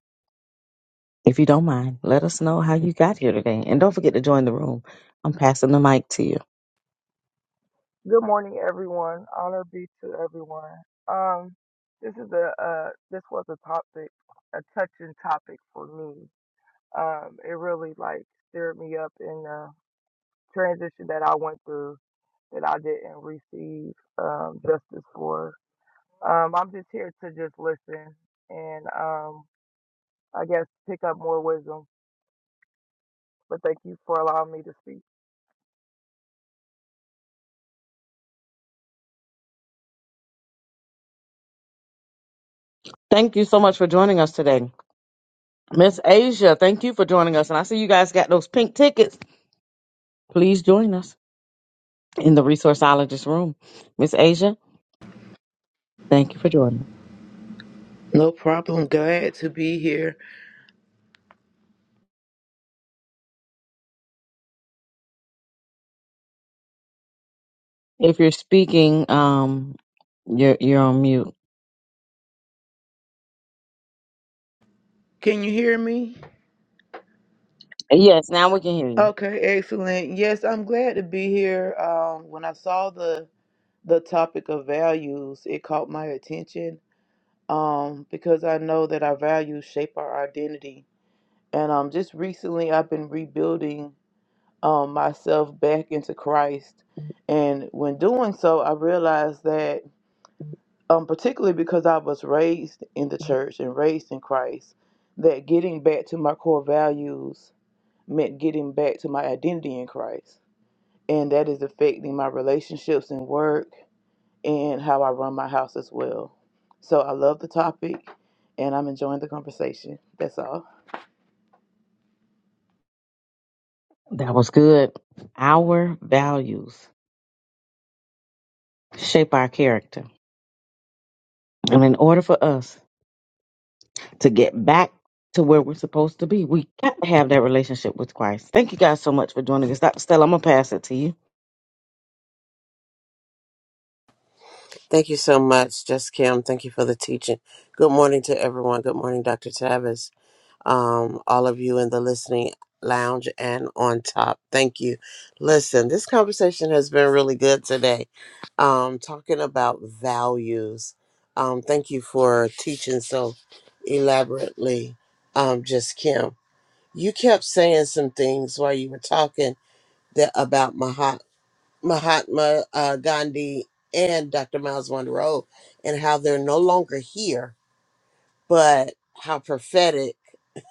If you don't mind, let us know how you got here today. And don't forget to join the room. I'm passing the mic to you.
Good morning, everyone. Honor be to everyone. Um, this is a uh, this was a topic, a touching topic for me. Um, it really like stirred me up in the transition that I went through that I didn't receive um, justice for. Um, I'm just here to just listen and um, I guess pick up more wisdom. But thank you for allowing me to speak.
Thank you so much for joining us today. Miss Asia, thank you for joining us. And I see you guys got those pink tickets. please join us in the resourceologist room. Miss Asia, thank you for joining.
No problem. Glad to be here.
If you're speaking, um, you're you're on mute.
Can you hear me?
Yes, now we can hear you.
Okay, excellent. Yes, I'm glad to be here. Um, when I saw the the topic of values, it caught my attention um, because I know that our values shape our identity. And um, just recently, I've been rebuilding um, myself back into Christ. And when doing so, I realized that, um, particularly because I was raised in the church and raised in Christ, that getting back to my core values meant getting back to my identity in Christ. And that is affecting my relationships and work and how I run my house as well. So I love the topic and I'm enjoying the conversation. That's all.
That was good. Our values shape our character, and in order for us to get back to where we're supposed to be, we got to have that relationship with Christ. Thank you guys so much for joining us, Dr. Stella. I'm gonna pass it to you.
Thank you so much, Just Kim. Thank you for the teaching. Good morning to everyone. Good morning, Dr. Tavis. um, all of you in the listening lounge and on top. Thank you. Listen, this conversation has been really good today, um, talking about values. Um, thank you for teaching so elaborately, um, just Kim. You kept saying some things while you were talking that about Mahat, Mahatma uh, Gandhi and Dr. Miles Monroe and how they're no longer here, but how prophetic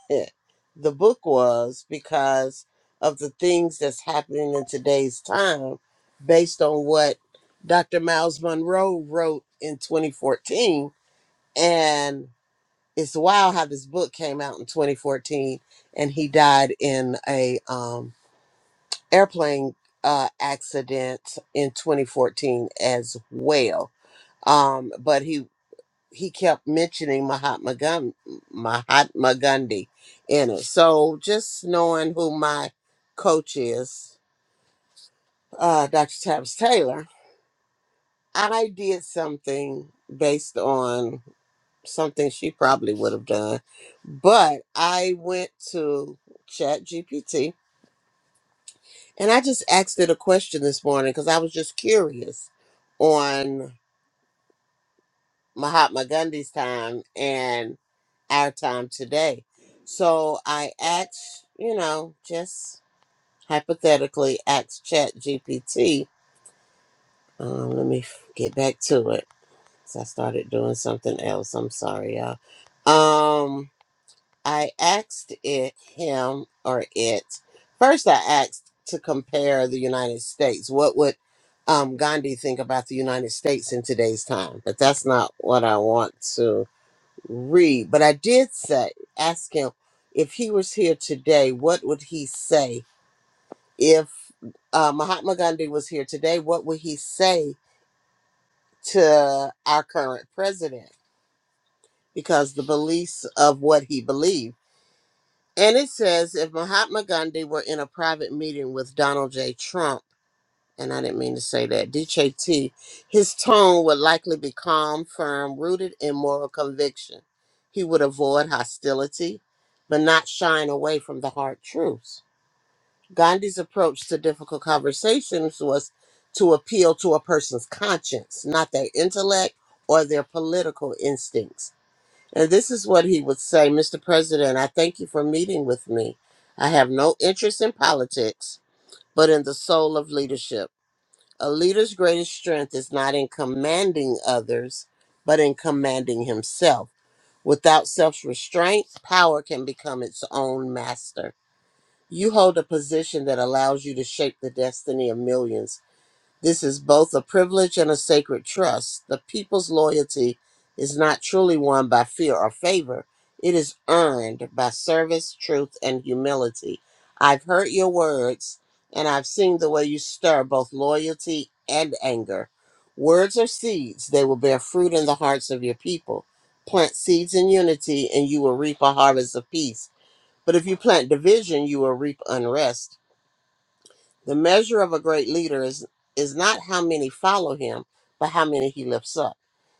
eh, the book was because of the things that's happening in today's time based on what Dr. Miles Monroe wrote in 2014. And it's wild how this book came out in 2014 and he died in a um, airplane uh, accident in 2014 as well. Um, but he he kept mentioning Mahatma Gandhi, Mahatma Gandhi in it. So just knowing who my coach is, uh, Dr. Tavis Taylor, I did something based on something she probably would have done, but I went to Chat GPT and I just asked it a question this morning because I was just curious on. Mahatma Gandhi's time and our time today. So I asked, you know, just hypothetically, asked Chat GPT. Um, let me f- get back to it 'cause I started doing something else. I'm sorry, y'all. Um, I asked it, him or it. First, I asked to compare the United States. What would um, Gandhi think about the United States in today's time? But that's not what I want to read. But I did say, ask him if he was here today, what would he say? If uh, Mahatma Gandhi was here today, what would he say to our current president? Because the beliefs of what he believed. And it says if Mahatma Gandhi were in a private meeting with Donald J. Trump, and I didn't mean to say that, DJT, his tone would likely be calm, firm, rooted in moral conviction. He would avoid hostility, but not shying away from the hard truths. Gandhi's approach to difficult conversations was to appeal to a person's conscience, not their intellect or their political instincts. And this is what he would say Mr. President, I thank you for meeting with me. I have no interest in politics, but in the soul of leadership. A leader's greatest strength is not in commanding others, but in commanding himself. Without self restraint, power can become its own master. You hold a position that allows you to shape the destiny of millions this is both a privilege and a sacred trust. The people's loyalty is not truly won by fear or favor, it is earned by service, truth, and humility. I've heard your words, and I've seen the way you stir both loyalty and anger. Words are seeds, they will bear fruit in the hearts of your people. Plant seeds in unity, and you will reap a harvest of peace. But if you plant division, you will reap unrest. The measure of a great leader is, is not how many follow him, but how many he lifts up.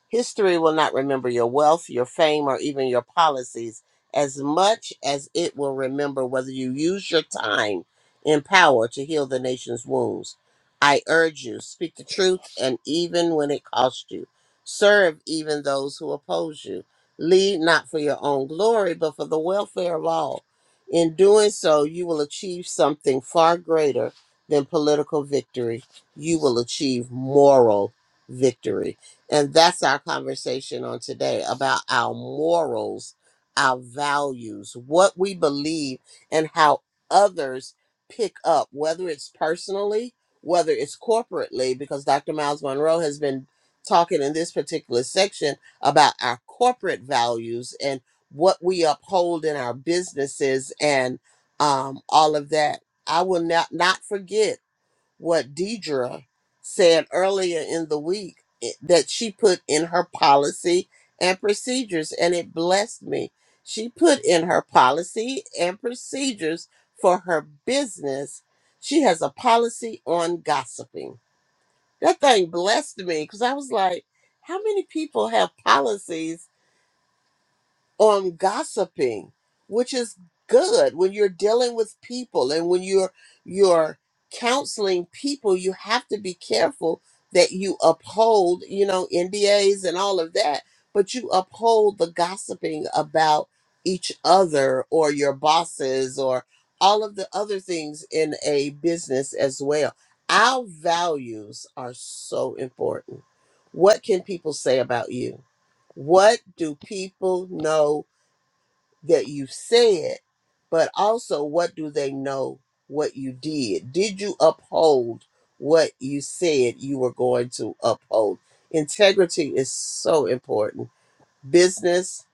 History will not remember your wealth, your fame, or even your policies as much as it will remember whether you use your time in power to heal the nation's wounds. I urge you, speak the truth, and even when it costs you, serve even those who oppose you. Lead not for your own glory, but for the welfare of all. In doing so, you will achieve something far greater than political victory. You will achieve moral victory. And that's our conversation on today about our morals, our values, what we believe, and how others pick up, whether it's personally, whether it's corporately, because Dr. Miles Monroe has been talking in this particular section about our corporate values and what we uphold in our businesses and um, all of that I will not, not forget what Deidre said earlier in the week i- that she put in her policy and procedures, and it blessed me. She put in her policy and procedures for her business. She has a policy on gossiping. That thing blessed me because I was like, how many people have policies? on gossiping, which is good when you're dealing with people and when you're you're counseling people, you have to be careful that you uphold, you know, NDAs and all of that, but you uphold the gossiping about each other or your bosses or all of the other things in a business as well. Our values are so important. What can people say about you? What do people know that you said, but also what do they know what you did? Did you uphold what you said you were going to uphold? Integrity is so important, business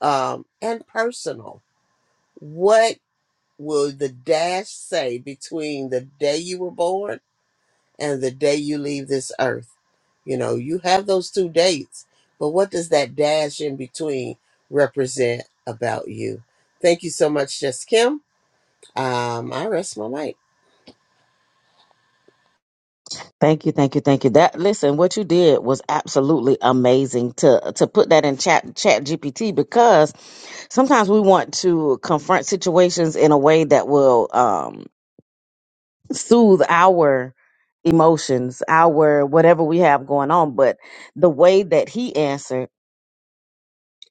um, and personal. What will the dash say between the day you were born? and the day you leave this earth. You know, you have those two dates, but what does that dash in between represent about you? Thank you so much, Just Kim. Um, I rest my mic.
Thank you, thank you, thank you. That listen, what you did was absolutely amazing to to put that in chat chat GPT because sometimes we want to confront situations in a way that will um, soothe our emotions, our whatever we have going on. But the way that he answered,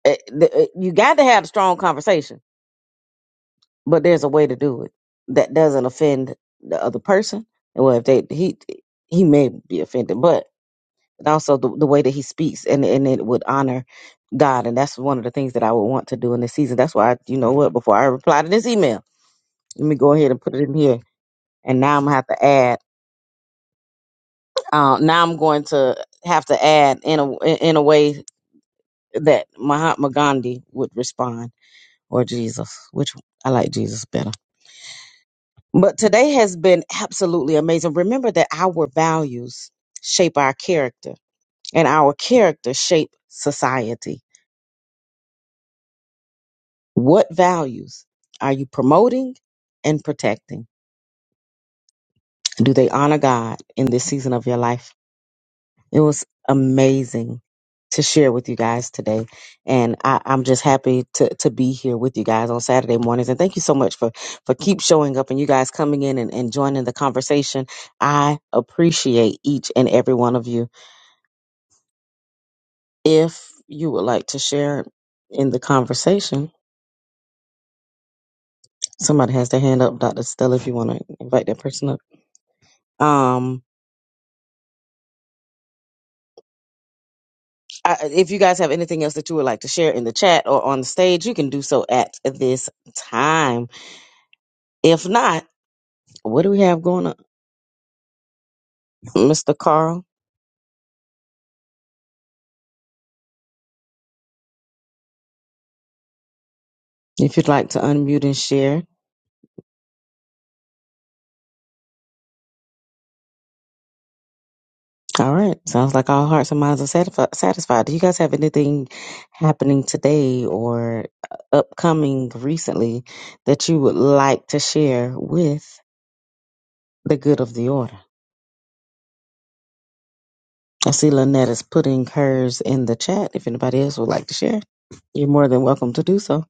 eh, the- eh, you got to have a strong conversation, but there's a way to do it that doesn't offend the other person. And Well, if they he he may be offended, but also the, the way that he speaks and and it would honor God, and that's one of the things that I would want to do in this season. That's why, I, you know what, before I reply to this email. Let me go ahead and put it in here. And now I'm gonna have to add. Uh, now I'm going to have to add in a in a way that Mahatma Gandhi would respond, or Jesus, which I like Jesus better. But today has been absolutely amazing. Remember that our values shape our character, and our character shape society. What values are you promoting and protecting? Do they honor God in this season of your life? It was amazing to share with you guys today. And I, I'm just happy to, to be here with you guys on Saturday mornings. And thank you so much for, for keep showing up and you guys coming in and, and joining the conversation. I appreciate each and every one of you. If you would like to share in the conversation, somebody has their hand up, Dr. Stella, if you want to invite that person up. Um, I, if you guys have anything else that you would like to share in the chat or on the stage, you can do so at this time. If not, What do we have going on, Mr. Carl? If you'd like to unmute and share. All right. Sounds like all hearts and minds are satisfi- satisfied. Do you guys have anything happening today or uh, upcoming recently that you would like to share with the good of the order? I see Lynette is putting hers in the chat. If anybody else would like to share, you're more than welcome to do so.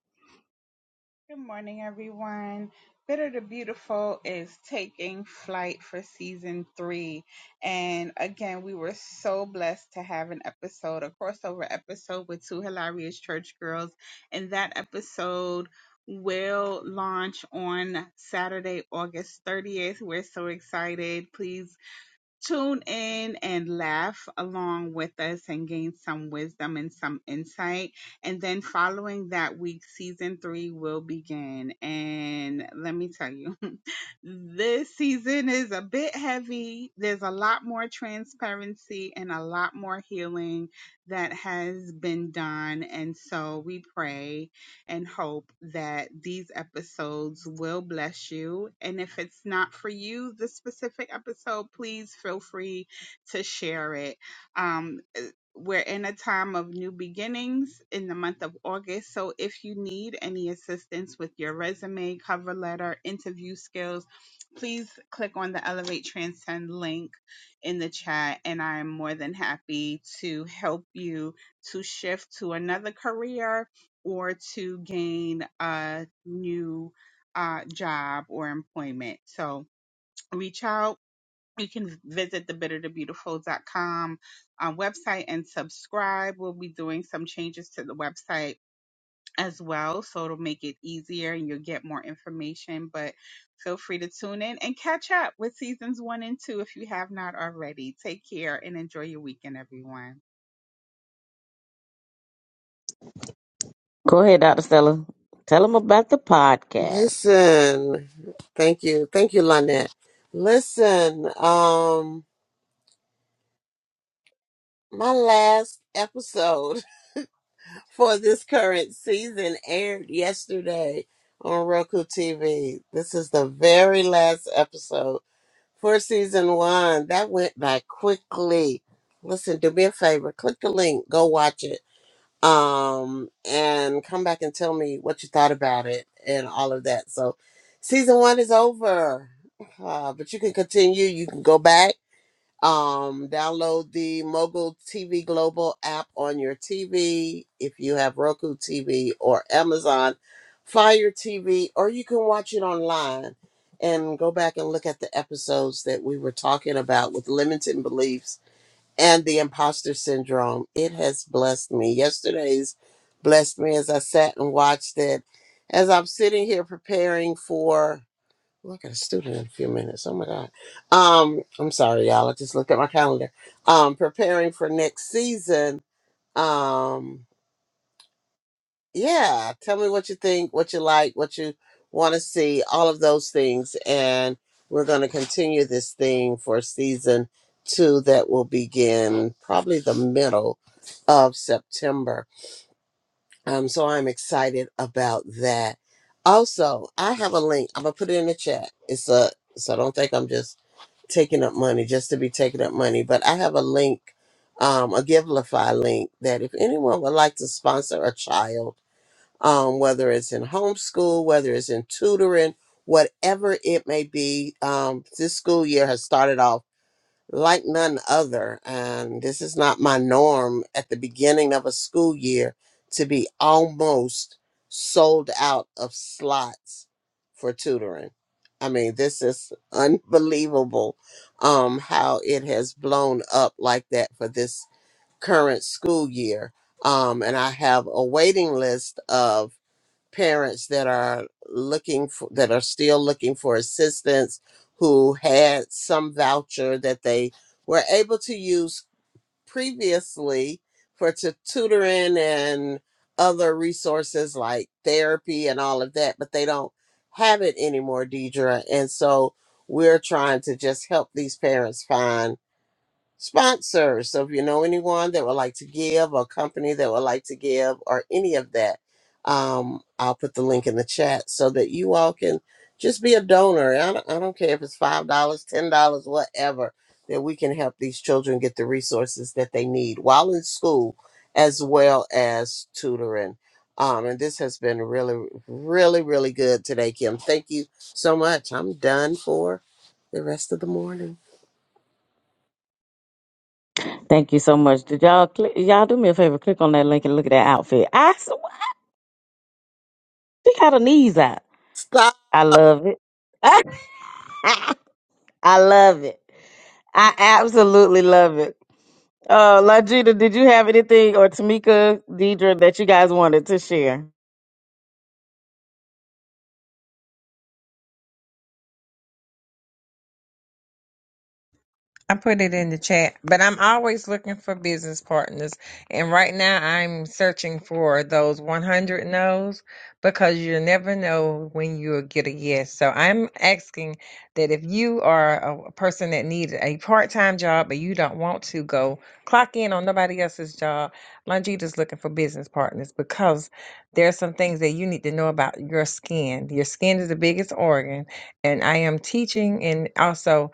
Good morning, everyone. Bitter to Beautiful is taking flight for season three. And again, we were so blessed to have an episode, a crossover episode with two hilarious church girls. And that episode will launch on Saturday, August 30th. We're so excited. Please Tune in and laugh along with us and gain some wisdom and some insight. And then following that week, season three will begin. And let me tell you, this season is a bit heavy. There's a lot more transparency and a lot more healing that has been done. And so we pray and hope that these episodes will bless you. And if it's not for you, this specific episode, please feel free to share it. Um, eh, we're in a time of new beginnings in the month of August. So if you need any assistance with your resume, cover letter, interview skills, please click on the Elevate Transcend link in the chat. And I am more than happy to help you to shift to another career or to gain a new uh, job or employment. So reach out. You can visit the bitter to beautiful dot Com uh, website and subscribe. We'll be doing some changes to the website as well, so it'll make it easier and you'll get more information. But feel free to tune in and catch up with seasons one and two if you have not already. Take care and enjoy your weekend, everyone.
Go ahead, Dr. Stella. Tell them about the podcast.
Listen, thank you, thank you, Lynette. Listen, um, my last episode for this current season aired yesterday on Roku TV. This is the very last episode for season one. That went by quickly. Listen, do me a favor, click the link, go watch it, um, and come back and tell me what you thought about it and all of that. So, season one is over, uh, but you can continue. You can go back um, download the Mogul TV Global app on your TV if you have Roku TV or Amazon Fire TV, or you can watch it online and go back and look at the episodes that we were talking about with limiting beliefs and the imposter syndrome. It has blessed me. Yesterday's blessed me as I sat and watched it. As I'm sitting here preparing for well, I got a student in a few minutes. Oh my God. Um, I'm sorry, y'all. I just looked at my calendar. Um, preparing for next season. Um, yeah. Tell me what you think, what you like, what you want to see, all of those things. And we're going to continue this thing for season two that will begin probably the middle of September. Um, so I'm excited about that. Also, I have a link. I'm gonna put it in the chat. It's a so don't think I'm just taking up money just to be taking up money, but I have a link, um, a Givelify link that if anyone would like to sponsor a child, um, whether it's in homeschool, whether it's in tutoring, whatever it may be, um, this school year has started off like none other. And this is not my norm at the beginning of a school year to be almost sold out of slots for tutoring. I mean, this is unbelievable um, how it has blown up like that for this current school year. Um, and I have a waiting list of parents that are looking for that are still looking for assistance who had some voucher that they were able to use previously for to tutoring and other resources like therapy and all of that, but they don't have it anymore, Deidre. And so we're trying to just help these parents find sponsors. So if you know anyone that would like to give, or company that would like to give, or any of that, um, I'll put the link in the chat so that you all can just be a donor. I don't, I don't care if it's five dollars, ten dollars, whatever. That we can help these children get the resources that they need while in school, as well as tutoring. Um, and this has been really, really, really good today, Kim. Thank you so much. I'm done for the rest of the morning.
Thank you so much. Did y'all click, y'all do me a favor? Click on that link and look at that outfit. I s- she got her knees out.
Stop.
I love it. I love it. I absolutely love it. Uh, Lajita, did you have anything or Tamika, Deidre that you guys wanted to share?
I put it in the chat, but I'm always looking for business partners. And right now I'm searching for those 100 no's because you never know when you'll get a yes. So I'm asking that if you are a a person that needs a part-time job, but you don't want to go clock in on nobody else's job, Longita's looking for business partners because there are some things that you need to know about your skin. Your skin is the biggest organ. And I am teaching and also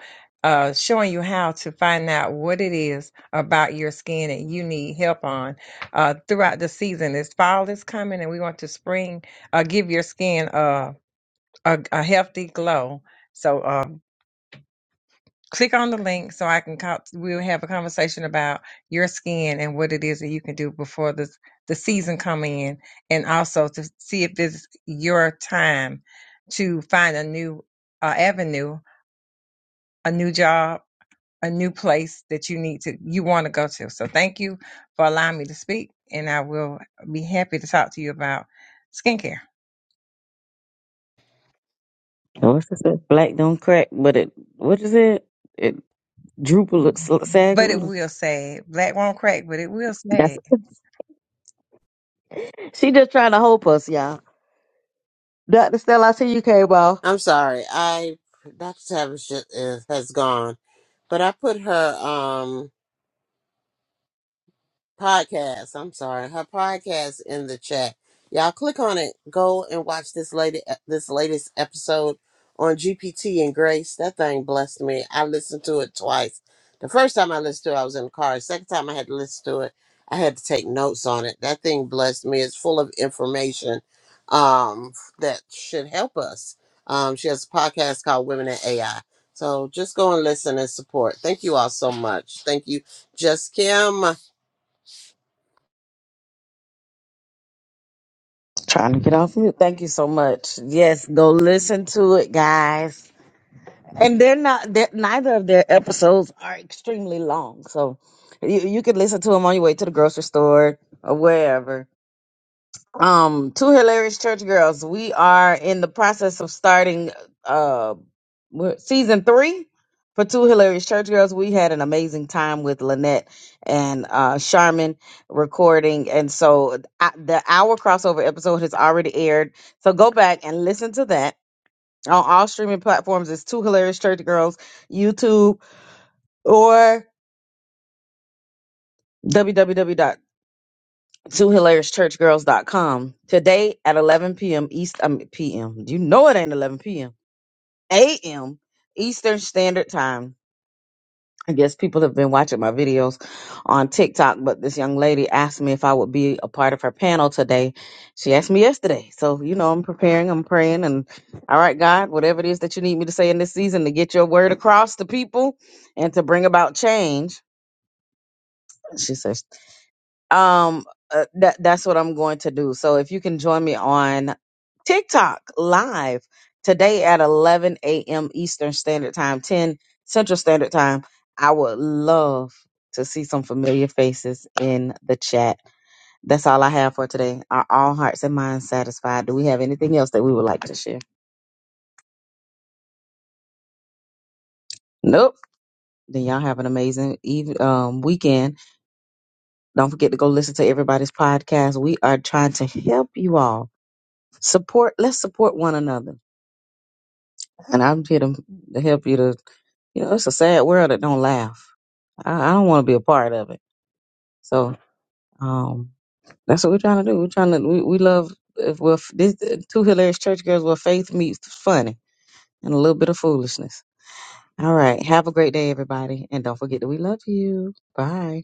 uh, showing you how to find out what it is about your skin that you need help on uh, throughout the season. This fall is coming, and we want to spring uh, give your skin uh, a, a healthy glow. So um, click on the link so I can co- we'll have a conversation about your skin and what it is that you can do before the the season come in, and also to see if this is your time to find a new uh, avenue, a new job a new place that you need to you want to go to. So thank you for allowing me to speak and I will be happy to talk to you about skincare.
What's it say? Black don't crack, but it what is it? It droop a little, sag a
But it
little.
will say black won't crack, but it will
That's
say
she just trying to hope us, y'all. Dr. Stella, I see you came off.
I'm sorry. I Dr. Tavish is, has gone, but I put her. Um, podcast. I'm sorry, her podcast in the chat. Y'all click on it. Go and watch this lady uh, this latest episode on GPT and Grace. That thing blessed me. I listened to it twice. The first time I listened to it, I was in the car. The second time I had to listen to it, I had to take notes on it. That thing blessed me. It's full of information um that should help us. Um, she has a podcast called Women in AI. So just go and listen and support. Thank you all so much. Thank you, Just Kim.
Trying to get off mute. Thank you so much. Yes, go listen to it, guys. And they're not. They're, neither of their episodes are extremely long, so you you could listen to them on your way to the grocery store or wherever. Um, two hilarious church girls. We are in the process of starting. uh, we're- season three for two hilarious church girls we had an amazing time with lynette and uh charmin recording and so uh, the hour crossover episode has already aired so go back and listen to that on all streaming platforms it's two hilarious church girls youtube or w w w dot Two Hilarious Church Girls. dot Com. today at 11 p.m east um, p.m you know it ain't 11 p.m a.m eastern standard time I guess people have been watching my videos on TikTok, but this young lady asked me if I would be a part of her panel today. She asked me yesterday. So, you know, I'm preparing, I'm praying, and all right, God, whatever it is that you need me to say in this season to get your word across to people and to bring about change. She says um uh, that that's what I'm going to do. So if you can join me on TikTok live today at 11 a.m. Eastern Standard Time, 10 Central Standard Time, I would love to see some familiar faces in the chat. That's all I have for today. Are all hearts and minds satisfied? Do we have anything else that we would like to share? Nope. Then y'all have an amazing even um, weekend. Don't forget to go listen to everybody's podcast. We are trying to help you all support. Let's support one another and I'm here to, to help you to, you know, it's a sad world that don't laugh. I, I don't want to be a part of it. So um, that's what we're trying to do. We're trying to, we, we love, if we're, f- this, uh, two hilarious church girls where faith meets funny and a little bit of foolishness. All right. Have a great day, everybody. And don't forget that we love you. Bye.